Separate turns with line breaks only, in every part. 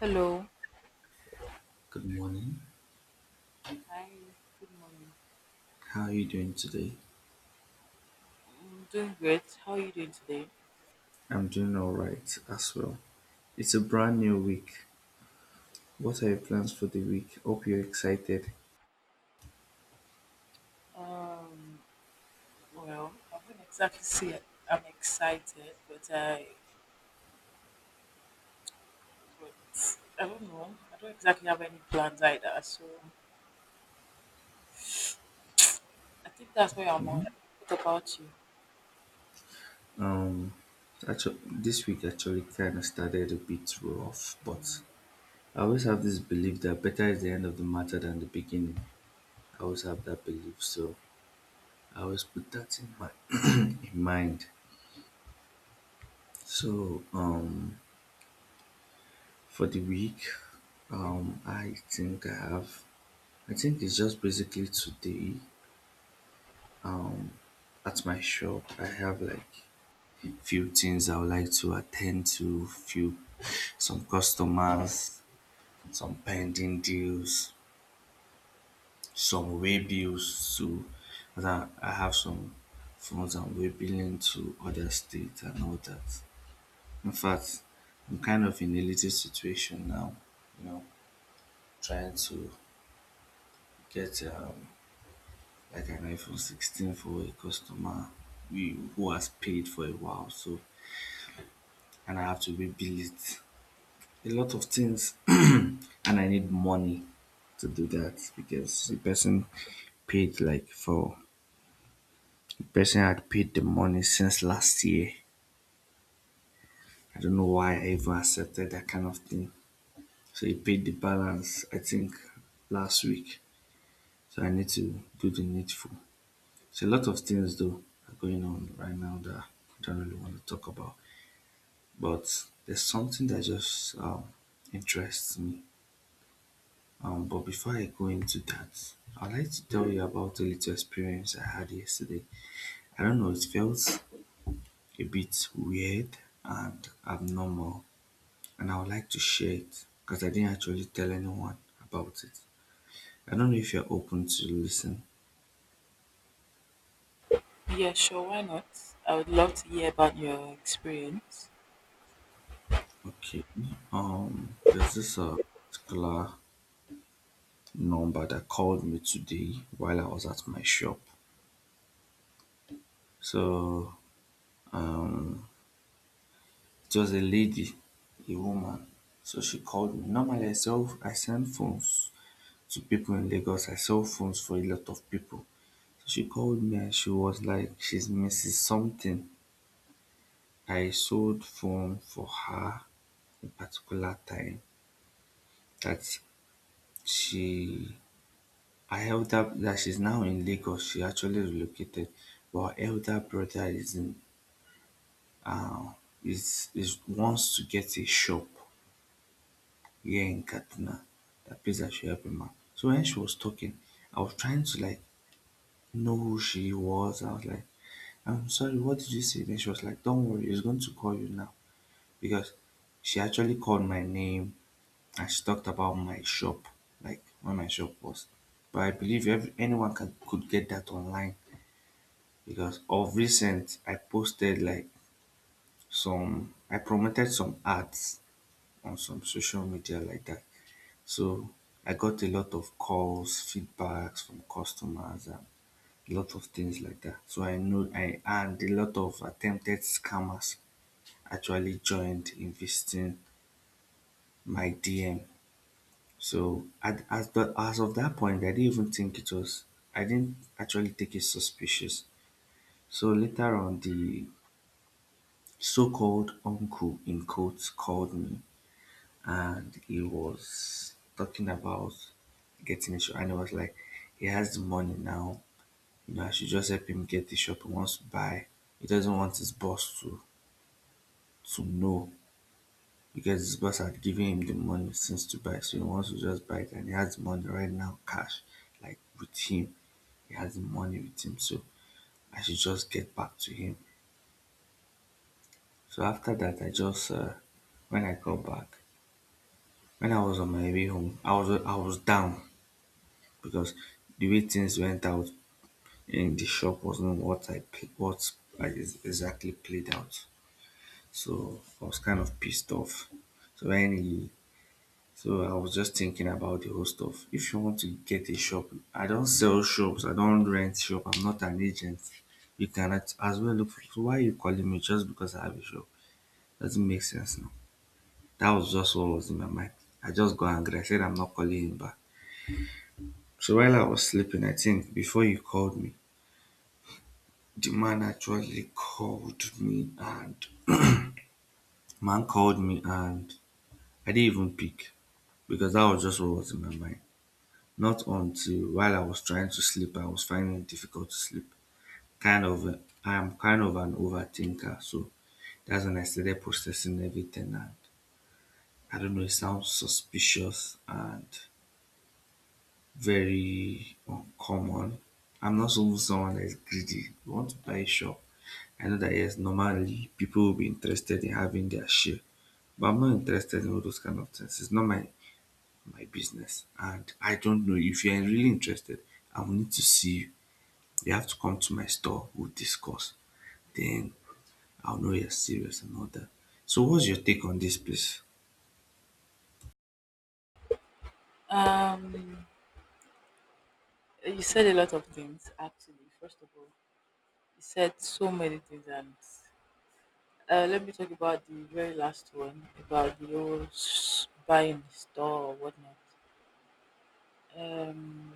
Hello.
Good morning.
Hi. Good morning.
How are you doing today?
I'm doing great. How are you doing today?
I'm doing all right as well. It's a brand new week. What are your plans for the week? Hope you're excited.
Um. Well, I wouldn't exactly say I'm excited, but but I don't know. I don't exactly have any plans either. So I think that's where I'm
Okay.
on. What about you?
Um, actually, this week actually kind of started a bit rough, but I always have this belief that better is the end of the matter than the beginning. I always have that belief, so I always put that in my in mind. So, for the week, I think I have. I think it's just basically today. At my shop, I have like few things I would like to attend to, few some customers, some pending deals, some way bills too. And I have some funds I'm way billing to other states and all that. In fact, I'm kind of in a little situation now, you know, trying to get like an iPhone 16 for a customer we, who has paid for a while. So, and I have to rebuild it a lot of things and I need money to do that because the person paid like for the person had paid the money since last year. I don't know why I even accepted that kind of thing. So he paid the balance I think last week. So I need to do the needful. So a lot of things though are going on right now that I don't really want to talk about. But there's something that just interests me. But before I go into that, I'd like to tell you about a little experience I had yesterday. I don't know, it felt a bit weird and abnormal, and I would like to share it because I didn't actually tell anyone about it. I don't know if you're open to listen.
Yeah, sure. Why not? I would love to hear about your experience.
Okay. There's this particular number that called me today while I was at my shop. So it was a lady, a woman, so she called me. Normally, I send phones to people in Lagos. I sell phones for a lot of people. So she called me and she was like, she's Mrs. Something. I sold phone for her a particular time that she, I elder, that she's now in Lagos. She actually relocated, but her elder brother is in, uh, is wants to get a shop here in Katina, that place that she helped me, man. So when she was talking, I was trying to like know who she was. I was like, I'm sorry, what did you say? Then she was like, don't worry, he's going to call you now. Because she actually called my name and she talked about my shop, like where my shop was. But I believe every, anyone can, could get that online because of recent, I posted like some, I promoted some ads on some social media like that. So I got a lot of calls, feedbacks from customers, and a lot of things like that. So I know I and a lot of attempted scammers actually joined in visiting my DM. So at, as the, as of that point, I didn't even think it was. I didn't actually take it suspicious. So later on, the so-called uncle in quotes called me and he was talking about getting a shop, and I was like, he has the money now, you know, I should just help him get the shop he wants to buy. He doesn't want his boss to know because his boss had given him the money since to buy, so he wants to just buy it, and he has the money right now, cash, like with him. He has the money with him, so I should just get back to him. So after that I just when I got back, when I was on my way home, I was down because the way things went out in the shop was not what I pl- what I ex- exactly played out. So I was kind of pissed off. So when he, so I was just thinking about the whole stuff. If you want to get a shop, I don't sell shops. I don't rent shop. I'm not an agent. You cannot as well look. For, why are you calling me just because I have a shop? Doesn't make sense now. That was just what was in my mind. I just got angry. I said I'm not calling him back. So while I was sleeping, I think before you called me, the man actually called me and man called me and I didn't even pick because that was just what was in my mind. Not until while I was trying to sleep, I was finding it difficult to sleep. Kind of, I'm kind of an overthinker, so that's when I started processing everything. And I don't know, it sounds suspicious and very uncommon. I'm not so someone that is greedy. You want to buy a shop. I know that, yes, normally people will be interested in having their share. But I'm not interested in all those kind of things. It's not my business. And I don't know if you are really interested. I will need to see you. You have to come to my store. We'll discuss. Then I'll know you're serious and all that. So what's your take on this, please?
Um, you said a lot of things actually. First of all, you said so many things, and let me talk about the very last one about the whole buying the store or whatnot. Um,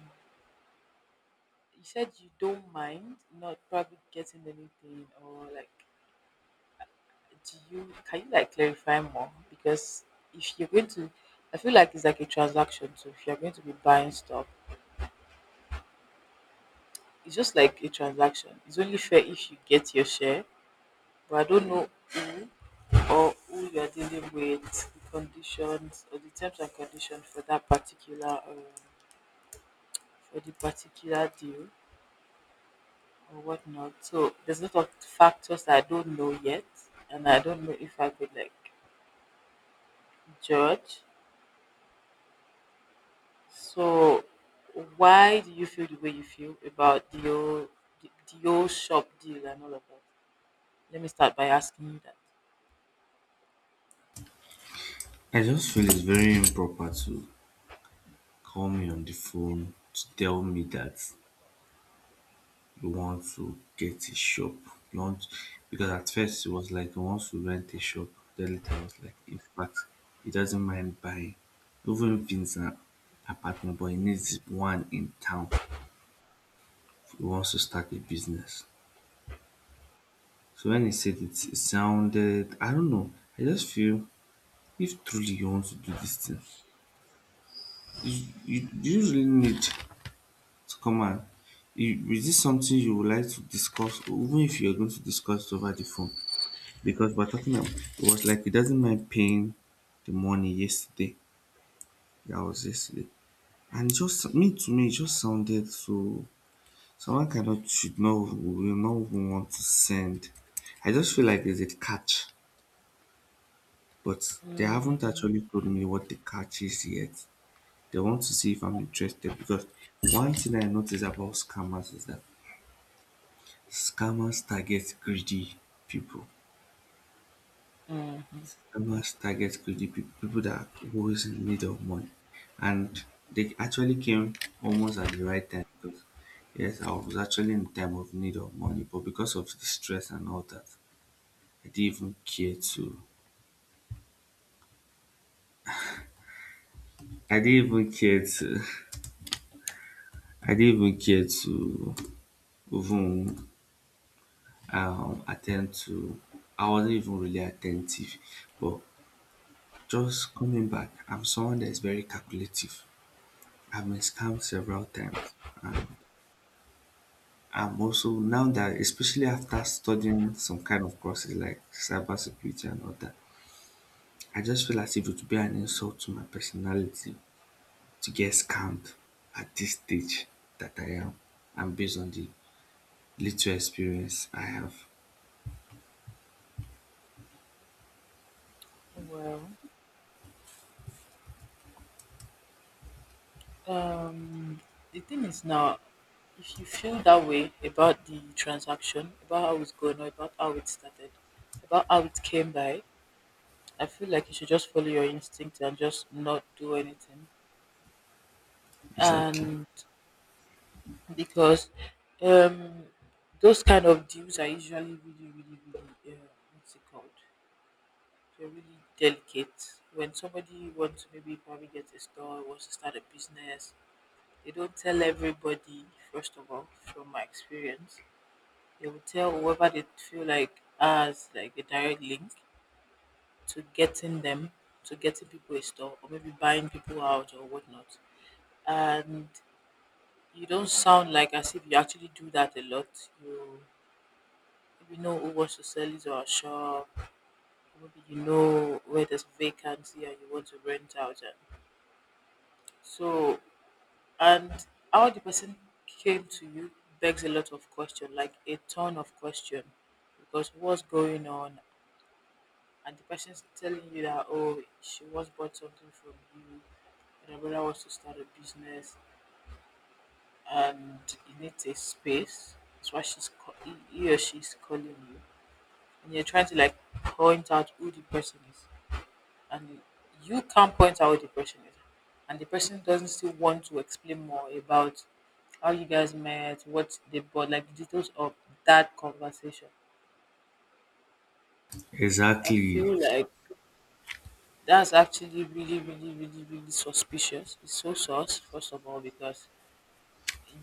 you said you don't mind not probably getting anything, or like, do you can you like clarify more? Because if you're going to, I feel like it's like a transaction. So if you're going to be buying stuff, it's just like a transaction. It's only fair if you get your share, but I don't know who or who you're dealing with, the conditions or the terms and conditions for that particular. For the particular deal or whatnot. So there's a lot of factors that I don't know yet, and I don't know if I could like judge. So why do you feel the way you feel about the old the, the old shop deal and all of that? Let me start by asking you that.
I just feel it's very improper to call me on the phone to tell me that you want to get a shop. You want, because at first it was like he wants to rent a shop. Then later it was like, in fact, he doesn't mind buying. Even if it's an apartment, but he needs one in town. He wants to start a business. So when he said it, it sounded, I don't know. I just feel if truly you want to do this thing, you really need to come and is this something you would like to discuss, or even if you're going to discuss it over the phone? Because we're talking about, it was like he doesn't mind paying the money yesterday. That was yesterday. And just me, to me it just sounded so someone cannot should not will not even want to send. I just feel like there's a catch, but they haven't actually told me what the catch is yet. They want to see if I'm interested because one thing I notice about scammers is that scammers target greedy people.
Mm.
Farmers target greedy be people that always in need of money, and they actually came almost at the right time because, yes, I was actually in time of need of money, but because of the stress and all that, I didn't even care to. I didn't even care to. I didn't even care to even attend to. I wasn't even really attentive, but just coming back, I'm someone that is very calculative. I've been scammed several times, and I'm also now that, especially after studying some kind of courses like cybersecurity and all that, I just feel as if it would be an insult to my personality to get scammed at this stage that I am, and based on the little experience I have.
Well, um, the thing is now, if you feel that way about the transaction, about how it's going, or about how it started, about how it came by, I feel like you should just follow your instinct and just not do anything.
Exactly.
And because um, those kind of deals are usually really, really, really, what's it called? They're really delicate. When somebody wants to maybe probably get a store, wants to start a business, they don't tell everybody, first of all, from my experience. They will tell whoever they feel like as like a direct link to getting them, to getting people a store, or maybe buying people out or whatnot, and you don't sound like as if you actually do that a lot. You maybe know who wants to sell his or her shop, or maybe you know where there's vacancy and you want to rent out. And so, and how the person came to you begs a lot of question, like a ton of question, because what's going on? And the person's telling you that, oh, she once bought something from you, and her brother wants to start a business and you need a space. That's why he or she's calling you, and you're trying to like point out who the person is, and you can't point out who the person is, and the person doesn't still want to explain more about how you guys met, what they bought, like the details of that conversation. I feel
Exactly.
like that's actually really, really, really, really suspicious. It's so sus, first of all, because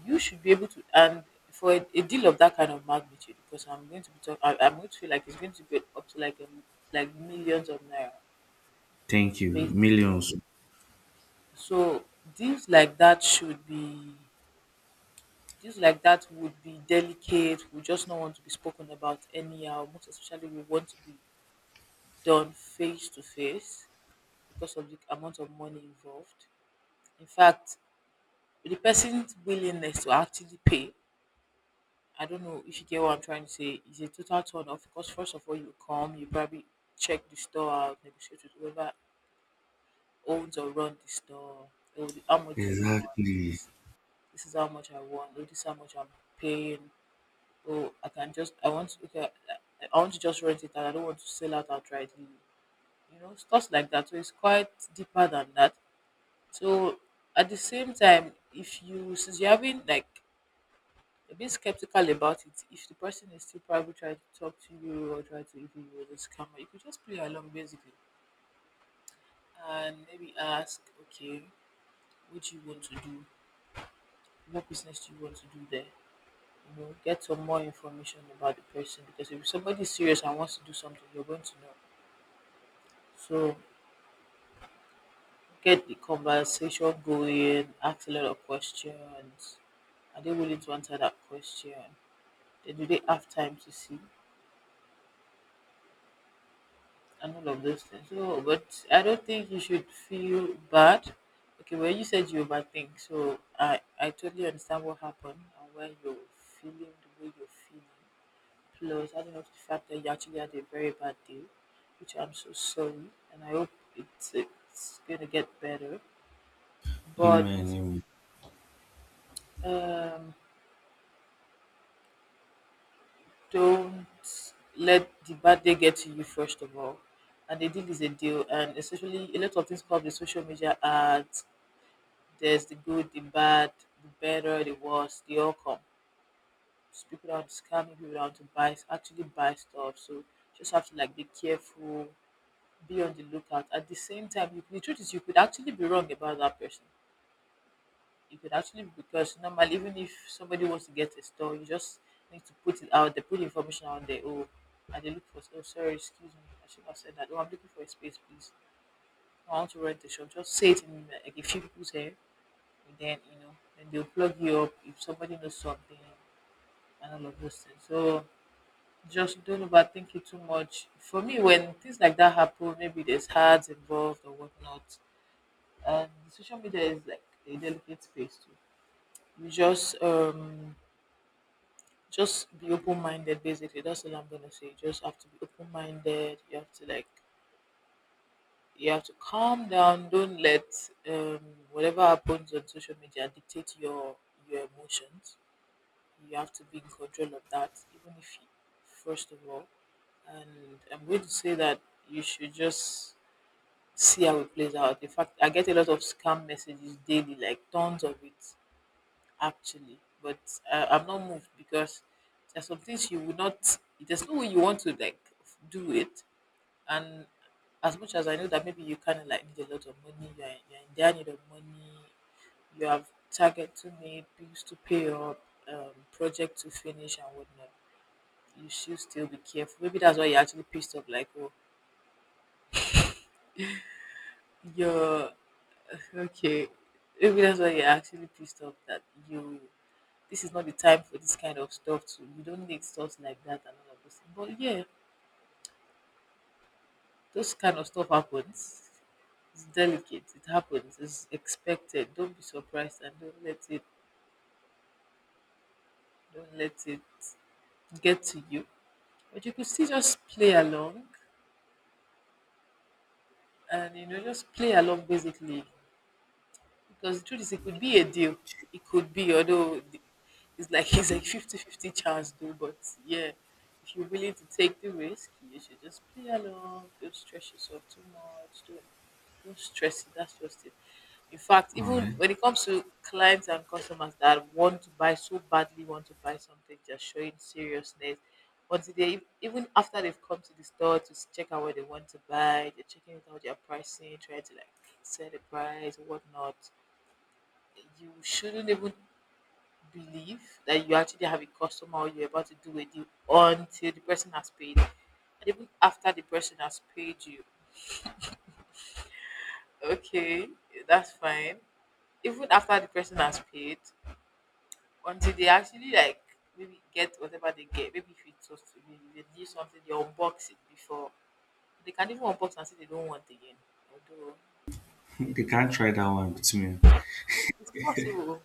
you should be able to, and for a deal of that kind of magnitude, because I'm going to feel like it's going to be up to like like millions of naira,
Thank you.
basically.
Millions.
So deals like that should be, deals like that would be delicate. We just don't want to be spoken about anyhow. Most especially, we want to be done face to face because of the amount of money involved. In fact, the person's willingness to actually pay, I don't know if you get what I'm trying to say. It's a total turn off because, first of all, you come, you probably check the store out, negotiate with whoever owns or runs the store. Oh, how much do you want?
Exactly.
This this is how much I want. Oh, this is how much I'm paying. Oh, I can just I want to, okay, I want to just rent it out. I don't want to sell out outrightly. You know, stuff like that. So it's quite deeper than that. So at the same time, if you, since you're having like a bit skeptical about it. If the person is still probably trying to talk to you or try to even you as a scammer, you could just play along, basically, and maybe ask, okay, what do you want to do? What business do you want to do there? You know, get some more information about the person because if somebody is serious and wants to do something, you're going to know. So get the conversation going, ask a lot of questions. Are they willing to answer that question? Then do they have time to see? And all of those things. So, but I don't think you should feel bad. Okay, well, you said you overthink, so I totally understand what happened and where you're feeling the way you're feeling. Plus, I don't know if the fact that you actually had a very bad day, which I'm so sorry, and I hope it's gonna get better. But
Amen. Amen.
um, don't let the bad day get to you, first of all. And a deal is a deal, and especially a lot of things called the social media ads. There's the good, the bad, the better, the worse, they all come. So people out to scamming, people out to buy, actually buy stuff. So just have to like be careful, be on the lookout. At the same time, you, the truth is you could actually be wrong about that person. You could actually be, because normally even if somebody wants to get a store, you just need to put it out there, put information out there. Oh, and they look for, oh sorry, excuse me, I should not have said that. Oh, I'm looking for a space, please. I want to rent a shop. Just say it in like a few people's hair, and then you know then they'll plug you up if somebody knows something, and all of those things. So just don't overthink it too much. For me, when things like that happen, maybe there's ads involved or whatnot, and social media is like a delicate space too. You just be open-minded, basically. That's all I'm gonna say. You just have to be open-minded. You have to like, you have to calm down. Don't let um whatever happens on social media dictate your emotions. You have to be in control of that, even if you, first of all. And I'm going to say that you should just see how it plays out. In fact, I get a lot of scam messages daily, like tons of it, actually. But I'm not moved because there's some things you would not. There's no way you want to like do it. And as much as I know that maybe you kind of like need a lot of money, you're in dire need of money, you have target to meet, bills to pay up, project to finish, and whatnot, you should still be careful. Maybe that's why you're actually pissed off. Like, oh, you're okay. Maybe that's why you're actually pissed off that you. This is not the time for this kind of stuff. To, you don't need stuff like that and all of this. But yeah, those kind of stuff happens. It's delicate. It happens. It's expected. Don't be surprised, and don't let it. Don't let it get to you. But you could still just play along, and you know, just play along, basically. Because the truth is, it could be a deal. It could be, although it's like it's like 50-50 chance, though. But yeah, if you're willing to take the risk, you should just play along. Don't stress yourself too much. Don't stress it. That's just it. In fact,
All
even
right.
when it comes to clients and customers that want to buy so badly, want to buy something, just showing seriousness. Until even after they've come to the store to check out what they want to buy, they're checking it out, their pricing, trying to like set the price, whatnot, you shouldn't even believe that you actually have a customer or you're about to do a deal until the person has paid. And even after the person has paid you, okay, that's fine. Even after the person has paid, until they actually like maybe get whatever they get. Maybe if it was to be they do something, they unbox it before. They can even unbox and say they don't want again. Although then
They can't try that one with me.
it's possible.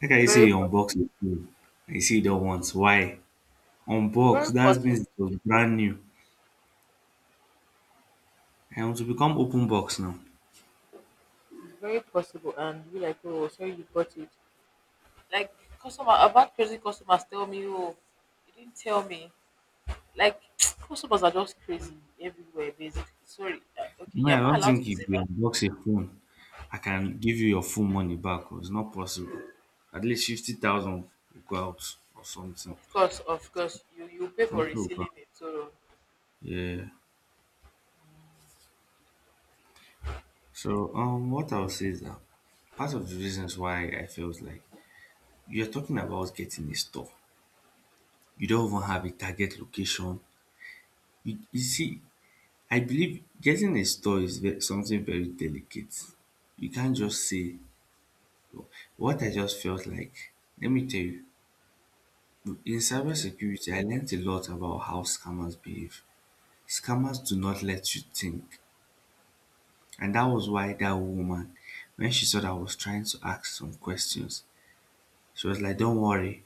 Like I say,
Very
you
possible.
unbox the phone. I see the ones. Why?
It's
Unbox,
very
that
possible.
means it was brand new. I want to become open box now.
It's very possible, and be like, oh, sorry you got it. Like, customer, I've had crazy customers tell me, oh, you didn't tell me. Like customers are just crazy everywhere, basically. Sorry, okay,
No,
yeah,
I
am I
don't
allowed
think
to
if
say
you
that?
unbox a phone, I can give you your full money back. Oh, it's not possible. At least 50,000 will go out or something.
Of course, you pay for
Something will go out.
resealing it. So.
Yeah. So, what I'll say is that part of the reasons why I felt like, you're talking about getting a store. You don't even have a target location. You see, I believe getting a store is something very delicate. You can't just say. What I just felt like, let me tell you, in
Okay.
cybersecurity, I learned a lot about how scammers behave. Scammers do not let you think. And that was why that woman, when she saw that I was trying to ask some questions, she was like, don't worry,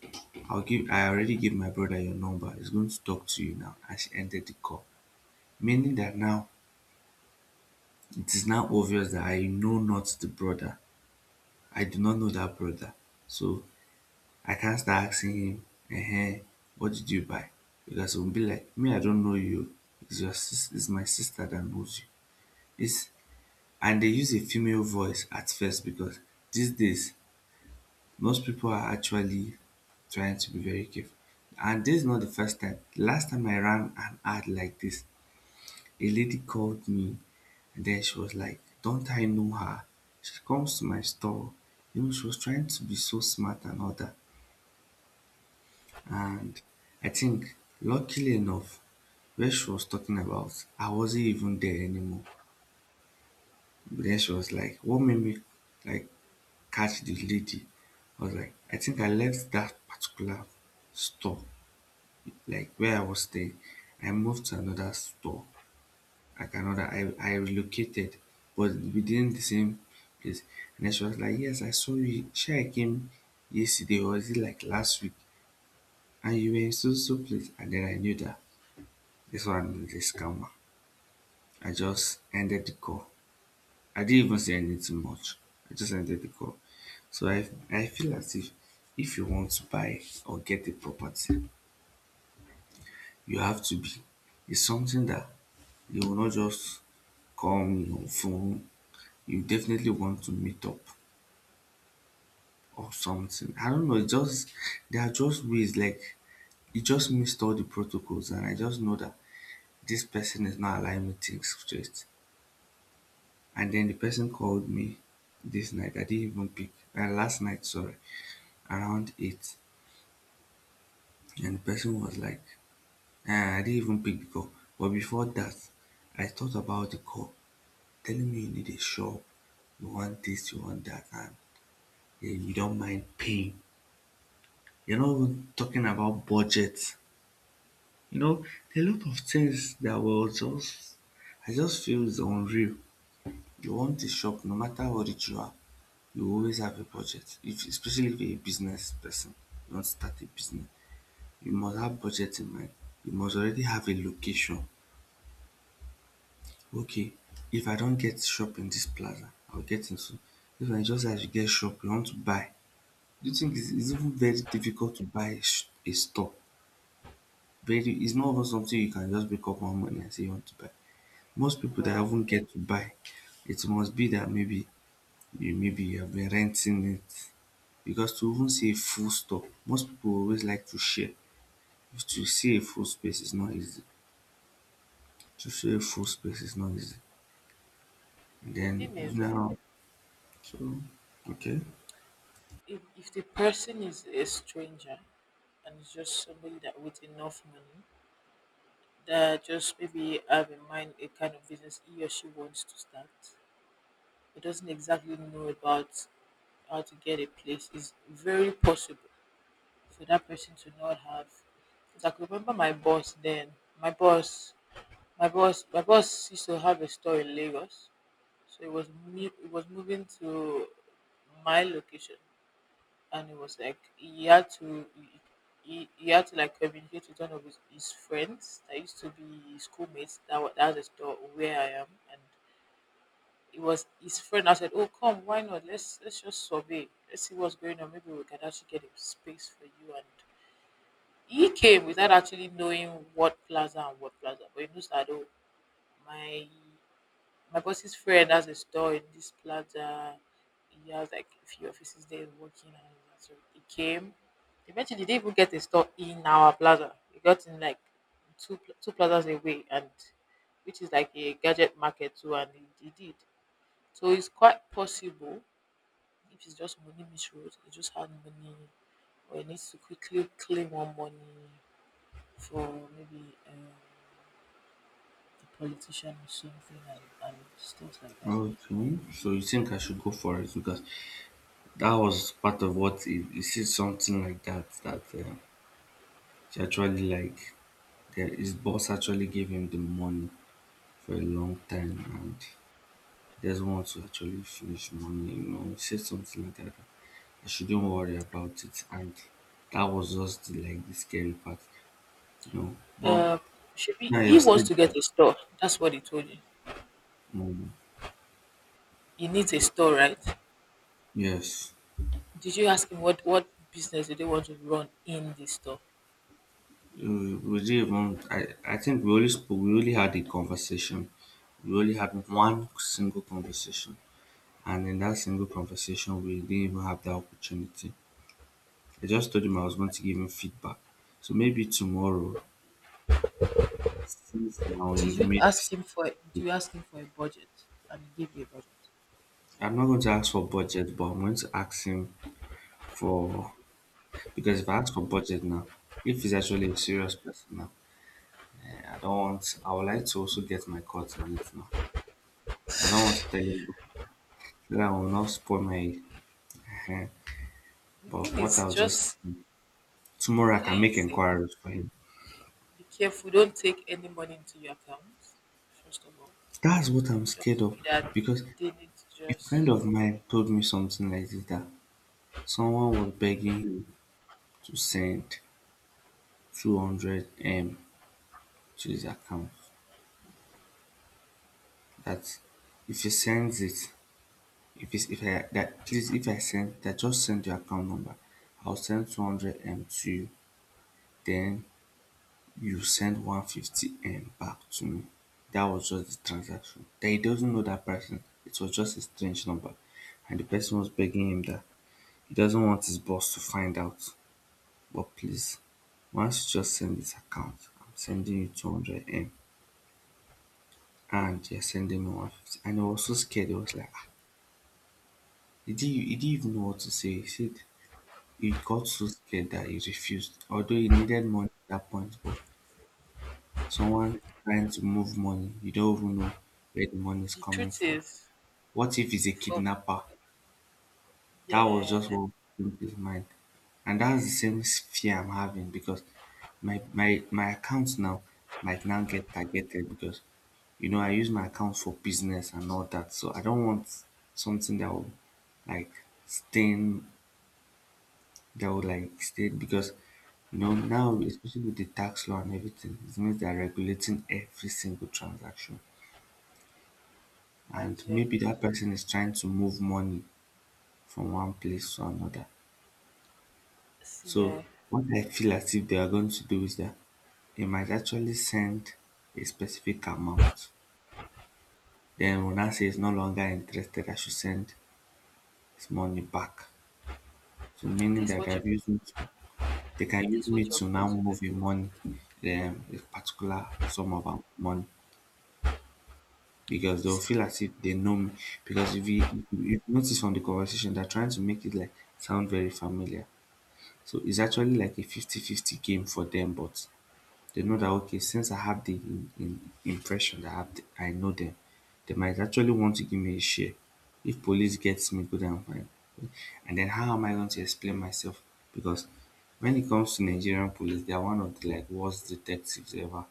I already gave my brother your number. He's going to talk to you now. And she ended the call. Meaning that now it is now obvious that I know not the brother. I do not know that brother. So I can't start asking him, eh? What did you buy? Because he'll be like, me, I don't know you. It's my sister that knows you. It's and they use a female voice at first because these days most people are actually trying to be very careful. And this is not the first time. Last time I ran an ad like this, a lady called me, and then she was like, don't I know her? She comes to my store. You know, she was trying to be so smart and all that. And I think, luckily enough, where she was talking about, I wasn't even there anymore. But then she was like, what made me like catch the lady? I was like, I think I left that particular store, like where I was staying. I moved to another store, like another, I relocated, but within the same place. And then she was like, yes, I saw you. Sure, I came yesterday, or is it like last week? And you were in so so place. And then I knew that this one is calmer. I just ended the call. I didn't even say anything much. I just ended the call. So I feel as if you want to buy or get a property, you have to be. It's something that you will not just come phone. You definitely want to meet up or something. I don't know. It's just there are just ways like it just missed all the protocols, and I just know that this person is not allowing me things straight. And then the person called me this night. I didn't even pick. Last night, sorry, around 8. And the person was like, I didn't even pick the call. But before that, I thought about the call, telling me you need a shop, you want this, you want that, and yeah, you don't mind paying. You're not even talking about budget. You know, there are a lot of things that were just, I just feel is unreal. You want a shop no matter how rich you are. You always have a budget if especially if you're a business person, you want to start a business, you must have budget in mind, you must already have a location. Okay, if I don't get shop in this plaza, I'll get into if I just have to get shop you want to buy. Do you think it's even very difficult to buy a, a store? Very, it's not even something you can just wake up one morning and say you want to buy. Most people that
well,
even get to buy, it must be that maybe you, maybe you have been renting it because to even say a full stop, most people always like to share. If to say a full space is not easy, to say a full space is not easy. And
the
then
thing
you
is,
know, so okay.
if the person is a stranger and it's just somebody that with enough money that just maybe have in mind a kind of business he or she wants to start but doesn't exactly know about how to get a place, it's very possible for that person to not have. Because I could remember my boss then. My boss, my boss used to have a store in Lagos, so it was moving to my location, and it was like he had to. He had to like communicate with one of his friends that used to be his schoolmates that that has a store where I am and it was his friend. I said, "Oh, come, why not? Let's just survey. Let's see what's going on. Maybe we can actually get a space for you." And he came without actually knowing what plaza and what plaza, but he knows that oh, my my boss's friend has a store in this plaza. He has like a few offices there working and all that. So he came. Eventually, they didn't even get a store in our plaza. He got in like two plazas away, and which is like a gadget market too, and he did. So it's quite possible if it's just money misuse, you just had money or you need to quickly claim one money for maybe a politician or something and stuff like that.
Okay, so you think I should go for it? Because that was part of what he said something like that, that she actually like, that his boss actually gave him the money for a long time and just want to actually finish money, you know. He said something like that, that I shouldn't worry about it. And that was just the, like the scary part, you know. But
Uh, should be,
now you
he wants
said
to get
that,
a store. That's what he told you.
um,
He needs a store, right?
yes,
Did you ask him what business do they want to run in the store?
we didn't even, I think we only spoke, we only had a conversation. We only had one single conversation. And in that single conversation, we didn't even have that opportunity. I just told him I was going to give him feedback. So maybe tomorrow, since now
Did
you've
you
made
ask
this,
him for? Do you ask him for a budget? And he gave you a budget.
I'm not going to ask for budget, but I'm going to ask him for, because if I ask for budget now, if he's actually a serious person now, I don't want. I would like to also get my cut in it now. I don't want to tell him that I will not spoil my. eh,
The
But
thing
what
is,
I'll just
just
tomorrow I can
play it
make
safe.
inquiries for him.
Be careful. Don't take any money into your account. First of all,
That's what
it
I'm
could
scared
just
of,
be that
because
they need to
a friend
just.
of mine told me something like this, that someone was begging him to send 200 m to his account. That if he sends it, if it's, if I that please if I send that, just send your account number. I'll send 200m to you, then you send 150m back to me. That was just the transaction. That he doesn't know that person. It was just a strange number. And the person was begging him that he doesn't want his boss to find out. But please, once you just send this account, I'm sending you 200m and you're sending me 150. And he was so scared. He was like, ah, he didn't even know what to say. He said, he got so scared that he refused, although he needed money at that point. But someone trying to move money, you don't even know where the money is
The
coming
truth
from.
is,
What if he's a
for
kidnapper? That was
yeah,
just what came to his mind. And that's the same fear I'm having because my account now might now get targeted because you know I use my account for business and all that. So I don't want something that will like stain, that would like stay, because you know now, especially with the tax law and everything, it means they're regulating every single transaction,
my
and
dear,
maybe that person is trying to move money from one place to another.
see,
So
yeah,
what I feel as if they are going to do is that they might actually send a specific amount, then when I say it's no longer interested, I should send his money back. So
and
meaning that I have used me to, they can use
this
me
what you're
to
going
now
to do.
move your money a particular sum of money, because
You
they'll
see,
feel as if they know me. Because if you notice from the conversation, they're trying to make it like sound very familiar. So it's actually like a 50-50 game for them, but they know that okay, since I have the impression that I know them, they might actually want to give me a share. If police gets me, good and fine. And then how am I going to explain myself? Because when it comes to Nigerian police, they are one of the like worst detectives ever.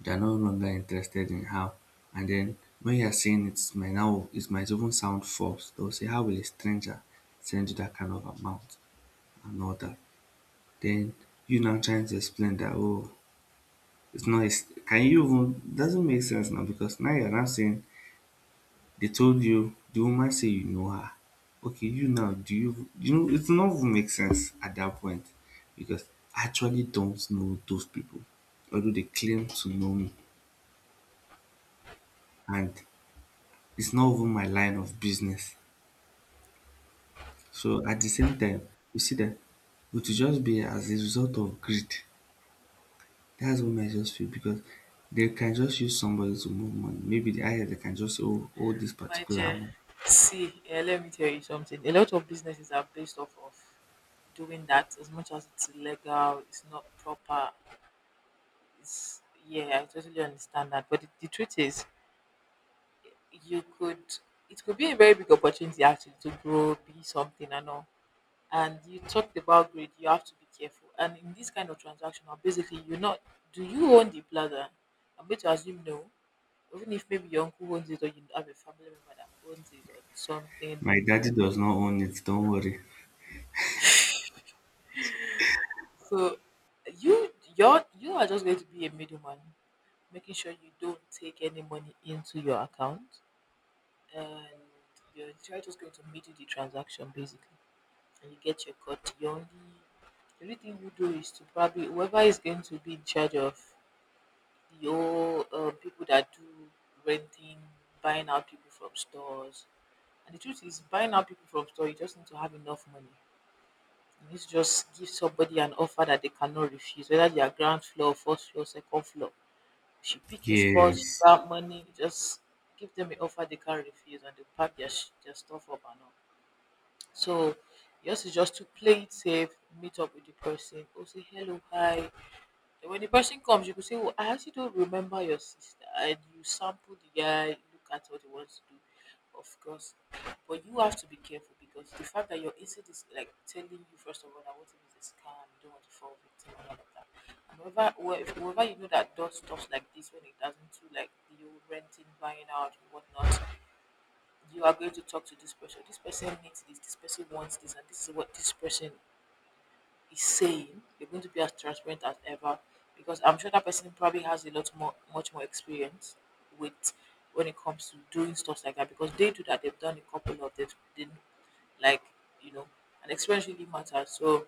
They're no longer interested in how. And then when you're saying it might now, it might even sound false. They'll say, how will a stranger send you that kind of amount and all that? Then you now trying to explain that oh, it's not a can you even doesn't make sense now because now you're now saying they told you the woman say you know her. Okay, you now do you you know it's not even make sense at that point because I actually don't know those people, although they claim to know me. And it's not even my line of business. So at the same time, you see that it will just be as a result of greed. That's what I just feel, because they can just use somebody to move money. Maybe the IRS, they can just say, oh, hold this
my
particular
dear,
amount.
see, eh, let me tell you something. A lot of businesses are based off of doing that. As much as it's illegal, it's not proper. It's yeah, I totally understand that. But the truth is, you could, it could be a very big opportunity actually to grow, be something and all. And you talked about greed, you have to be careful. And in this kind of transaction, or basically you're not, do you own the plaza? I'm going to assume no. Even if maybe your uncle owns it or you have a family member that owns it or something.
My daddy does not own it, don't worry.
So you are just going to be a middleman, making sure you don't take any money into your account and you're just going to middle the transaction basically. And you get your cut. You only The only thing you do is to probably whoever is going to be in charge of your people that do renting, buying out people from stores. And the truth is, buying out people from store, you just need to have enough money. You need to just give somebody an offer that they cannot refuse, whether they are ground floor, first floor, second floor. She pick a spot, she
Yes.
grab money, just give them an offer they can't refuse, and they pack their stuff up and all. So yours is just to play it safe, meet up with the person, or say hello, hi. And when the person comes, you could say, oh, I actually don't remember your sister. And you sample the guy, look at what he wants to do, of course. But you have to be careful because the fact that your instinct is like telling you, first of all, that what if it's a scam, you don't want to fall victim and all of that. And whoever you know that does stuff like this when it doesn't do like the renting, buying out, and whatnot, you are going to talk to this person. This person needs this. This person wants this, and this is what this person is saying. You're going to be as transparent as ever, because I'm sure that person probably has a lot more, much more experience with when it comes to doing stuff like that. Because they do that. They've done a couple of them. They like, you know, and experience really matters. So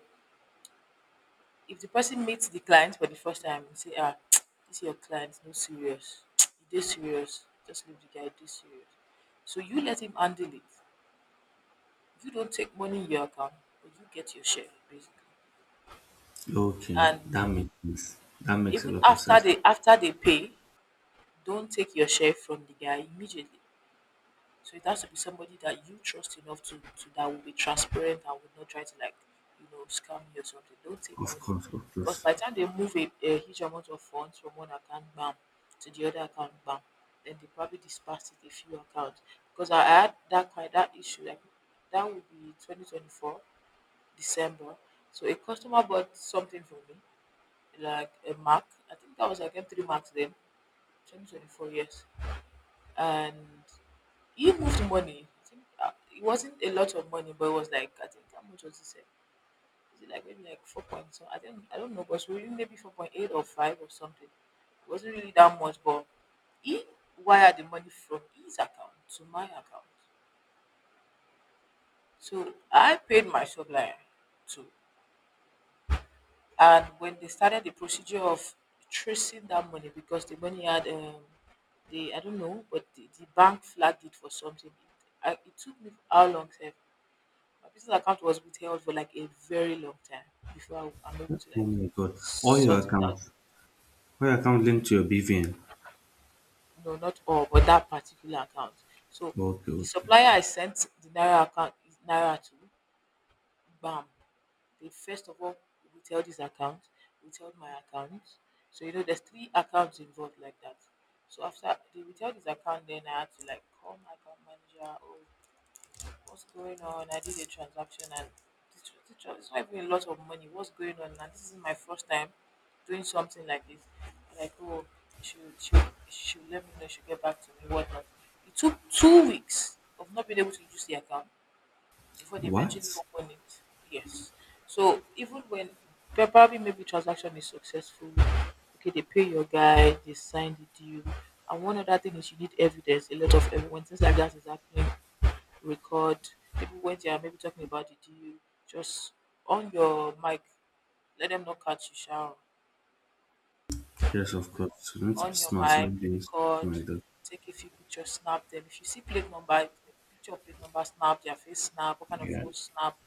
if the person meets the client for the first time and say, ah, this is your client, no serious, you do serious, just leave the guy, do serious. So you let him handle it, you don't take money in your account, but you get your share basically.
Okay,
And
that makes sense. That makes a
even
lot of
after
sense.
they pay, don't take your share from the guy immediately. So it has to be somebody that you trust enough to that will be transparent and will not try to like, you know, scam you or something. Don't take
Of
money.
course, of
Because
course.
by the time they move a huge amount of funds from one account bam to the other account bam, then they probably dispersed it a few accounts. Because I had that kind that issue like that would be 2024 December. So a customer bought something from me, like a Mac. I think that was like M3 Max then, 2024, yes. And he moved money. I think it wasn't a lot of money, but it was like, I think, how much was he said? Is it like maybe like 4 point something? I think, I don't know, but really maybe 4.8 or 5 or something. It wasn't really that much, but he wired the money from his account to my account. So I paid my supplier too. And when they started the procedure of tracing that money because the money had, the I don't know, but the bank flagged it for something. It took me how long? Sef? My business account was withheld for like a very long time before I'm able to
Oh
like
my god. All your
sort it out.
accounts. All your accounts linked to your BVN.
No, not all, but that particular account. So
Okay,
the
okay.
supplier I sent the naira account naira to, bam, they first of all will tell this account, will tell my account. So you know there's three accounts involved like that. So after they will tell this account, then I had to like call my account manager, oh what's going on? I did a transaction and it's not even a lot of money. What's going on? And this is my first time doing something like this. Like, oh, she she she let me know, she'll get back to me, whatnot. It took 2 weeks of not being able to use the account before they eventually
What?
open it. Yes. So even when but probably maybe transaction is successful, okay, they pay your guy, they sign the deal. And one other thing is you need evidence, a lot of evidence. When things like that is happening, record. People when they are maybe talking about the deal, just on your mic, let them not catch you shower.
Yes, of course. You need to be
On your
smart
mic,
when doing
record,
something like that.
take a few pictures, snap them. If you see plate number, picture of plate number, snap, their face snap, what kind of
Yeah.
phone, snap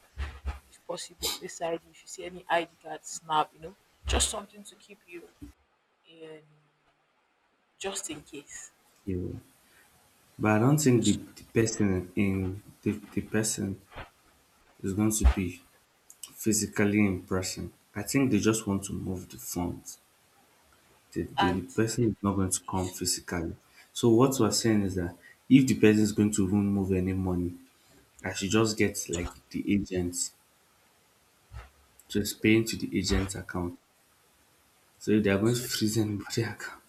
if possible, Face ID. If you see any ID card, snap, you know, just something to keep you in, just in case.
Yeah. But I don't think the person in the person is going to be physically in person. I think they just want to move the funds. The
And
person is not going to come
if you,
physically. So what we're saying is that if the person is going to even move any money, I should just get like the agents, just paying to the agent's account. So if they are going to
so,
freeze anybody's account,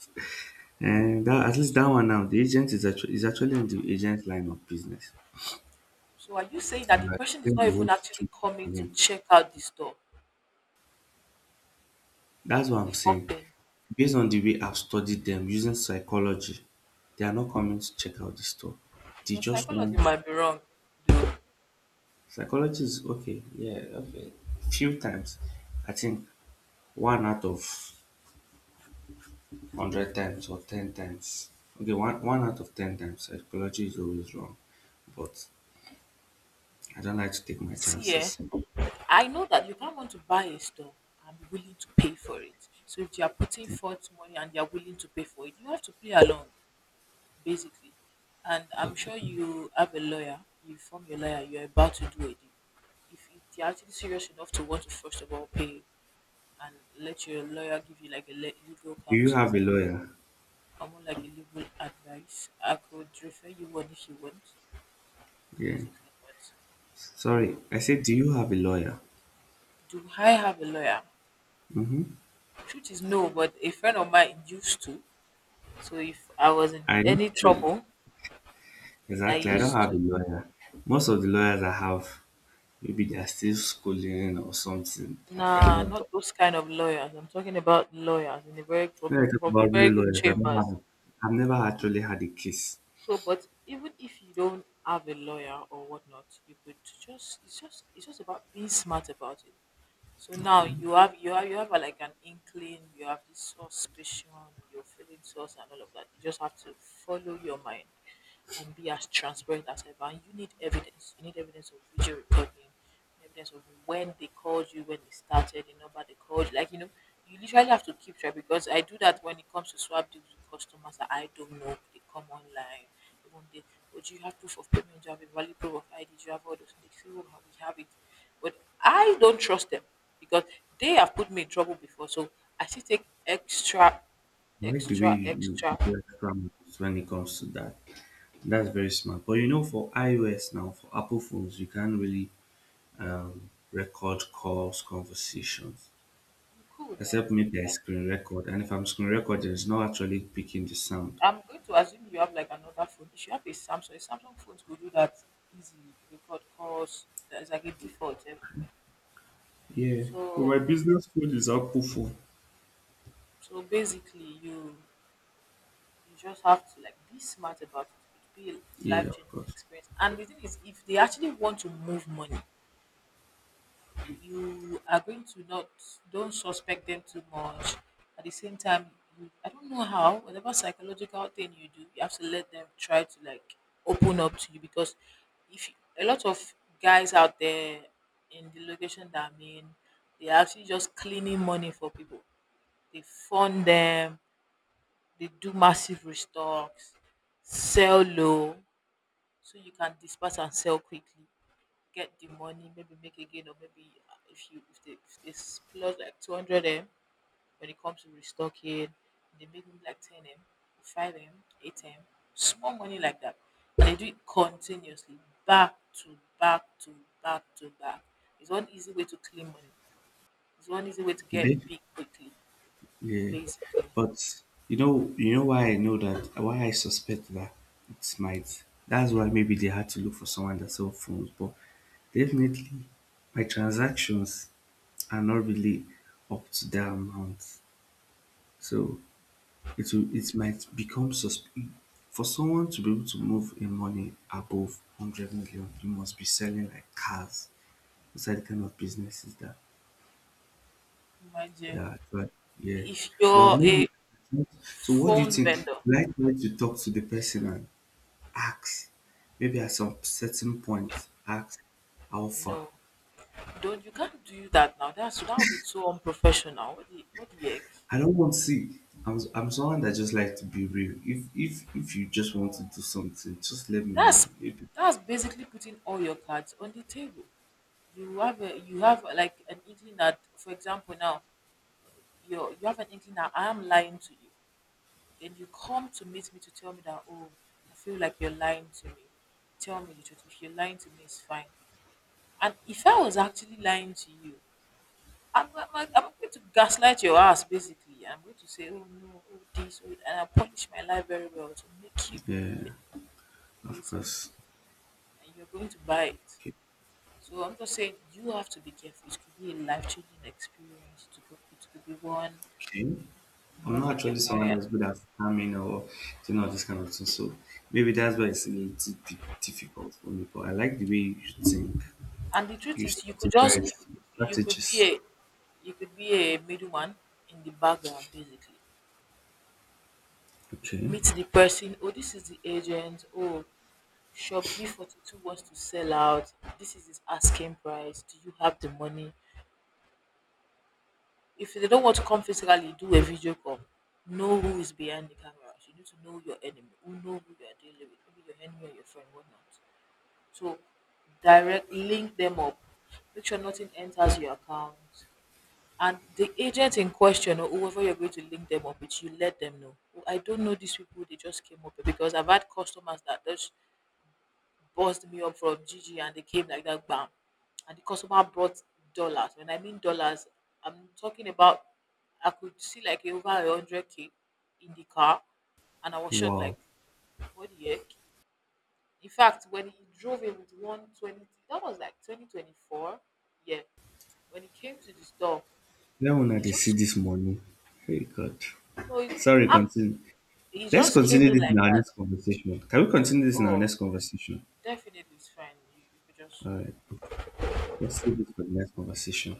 and that at least that one now, the agent is actually in the agent line of business.
so are you saying that
And
the
I
person is
explained
not
the whole
even actually
situation
coming
to
to
him.
check out the store
That's what I'm
before
saying.
paying?
Based on the way I've studied them using psychology, they are not coming to check out the store. They
Your
just
psychology
want
might be wrong, though.
psychology is okay, yeah, okay. Few times. I think one out of hundred times or 10 times. Okay, one out of 10 times psychology is always wrong. But I don't like to take my
See, eh,
chances.
I know that you can't want to buy a store and be willing to pay for it. So if you are putting forth money and they are willing to pay for it, you have to play along. Basically. And I'm
Okay.
sure you have a lawyer, you form your lawyer, you're about to do a deal. If you're actually serious enough to want to first of all pay and let your lawyer give you like a legal
Do you
counsel,
have a lawyer?
almost like a legal advice, I could refer you one if you want,
Yeah.
basically. But
Sorry,
you,
I said, do you have a lawyer?
do I have a lawyer?
Mm-hmm.
Truth is no, but a friend of mine used to. So if I was in
I don't
any
have a,
trouble, I
exactly. I don't
used
have a
to.
lawyer. Most of the lawyers I have, maybe they are still schooling or something. They are
Nah,
not done.
not those kind of lawyers. I'm talking about lawyers in a very from
When I
people
talk
from
about real
very good
lawyers, I don't
chambers.
have. I've never actually had a case.
So, but even if you don't have a lawyer or whatnot, you could just, it's just about being smart about it. So
Okay.
now
I
you have like an inkling, you have this suspicion, you're feeling sus and all of that. You just have to follow your mind and be as transparent as ever. And you need evidence. You need evidence of video recording, evidence of when they called you, when it started, the number they called. You. You literally have to keep track because I do that when it comes to swap deals with customers that I don't know. They come online. Even they, oh, do you have proof of payment? Do you have a valid proof of ID? Do you have all those things?" They say, oh, we have it, but I don't trust them because they have put me in trouble before. So I still take extra,
like the way
extra,
you, you
extra.
do extra moves when it comes to that. That's very smart. But you know, for iOS now, for Apple phones, you can't really record calls, conversations.
Cool now.
Except maybe I screen record. And if I'm screen recording, it's not actually picking the sound.
I'm going to assume you have like another phone. If you have a Samsung phones could do that easily. Record calls. There's like a default. Eh.
Yeah. But my
So
business phone is Apple phone.
so basically you just have to like be smart about it. It would be a
Yeah.
life changing experience. And the thing is, if they actually want to move money, you are going to not don't suspect them too much. At the same time, I don't know how, whatever psychological thing you do, you have to let them try to like open up to you. Because if you, a lot of guys out there in the location that I'm in, they're actually just cleaning money for people. They fund them, they do massive restocks, sell low, so you can disperse and sell quickly, get the money, maybe make again, or maybe if you if they splurge like 200 m when it comes to restocking, they make maybe like ten m, five m, eight m, small money like that. They do it continuously, back to back to back to back. It's one easy way to clean money. It's one easy way to
They,
get big quickly,
yeah.
basically.
But you know why I know that. Why I suspect that it might. That's why maybe they had to look for someone that sells phones. But definitely, my transactions are not really up to that amount. So it will, it might become suspect for someone to be able to move in money above 100 million. You must be selling like cars. Those are the kind of businesses that,
Imagine
that, but yeah,
if
but
you're a
maybe so what do you
phone
think,
vendor.
should I try to talk to the person and ask, maybe at some certain point, ask how far?
No, don't you can't do that now. That would be so unprofessional. What the heck?
I don't want to see, I'm someone that just like to be real. If you just want to
No,
do something, just let me know.
that's
If,
that's basically putting all your cards on the table. You have like an inkling that, for example, now you have an inkling that I am lying to you. Then you come to meet me to tell me that, oh, I feel like you're lying to me. Tell me the truth. If you're lying to me, it's fine. And if I was actually lying to you, I'm going to gaslight your ass, basically. I'm going to say, oh no, oh this, oh, and I polish my lie very well to make you
yeah,
believe it,
of
basically,
course.
and you're going to buy it.
Okay.
So I'm just saying you have to be careful. It could be a life changing experience. It could be one
Okay. I'm
move
not
in your
actually someone
career.
that's good at farming or doing all this kind of thing, so maybe that's why it's a little bit difficult for me. But I like the way you think,
And the truth
you
is,
strategize,
you could be
strategies.
a you could be a middleman in the background, basically.
Okay.
Meet the person. Oh, this is the agent. Oh, shop B42 wants to sell out. This is his asking price. Do you have the money? If they don't want to come physically, do a video call. Know who is behind the cameras. You need to know your enemy. Who, know who you are dealing with. Maybe your enemy or your friend, whatnot. So direct link them up. Make sure nothing enters your account. And the agent in question, or whoever you're going to link them up with, you let them know. "Oh, I don't know these people, they just came up here," because I've had customers that just buzzed me up from G G and they came like that, bam. And the customer brought dollars. When I mean dollars, I'm talking about, I could see like over 100K in the car and I was shocked
Wow.
like, what the heck? In fact, when he drove in with 120, that was like 2024, yeah. When he came to the store,
Where will
he
they see
just
this morning? Hey God.
no he's
Sorry,
I'm,
continue.
he
Let's
just came
continue
in
this in
like
our
that.
next conversation. Can we continue this in our
Oh,
next conversation?
definitely, it's fine. You could just
All right. Let's save this for the next conversation.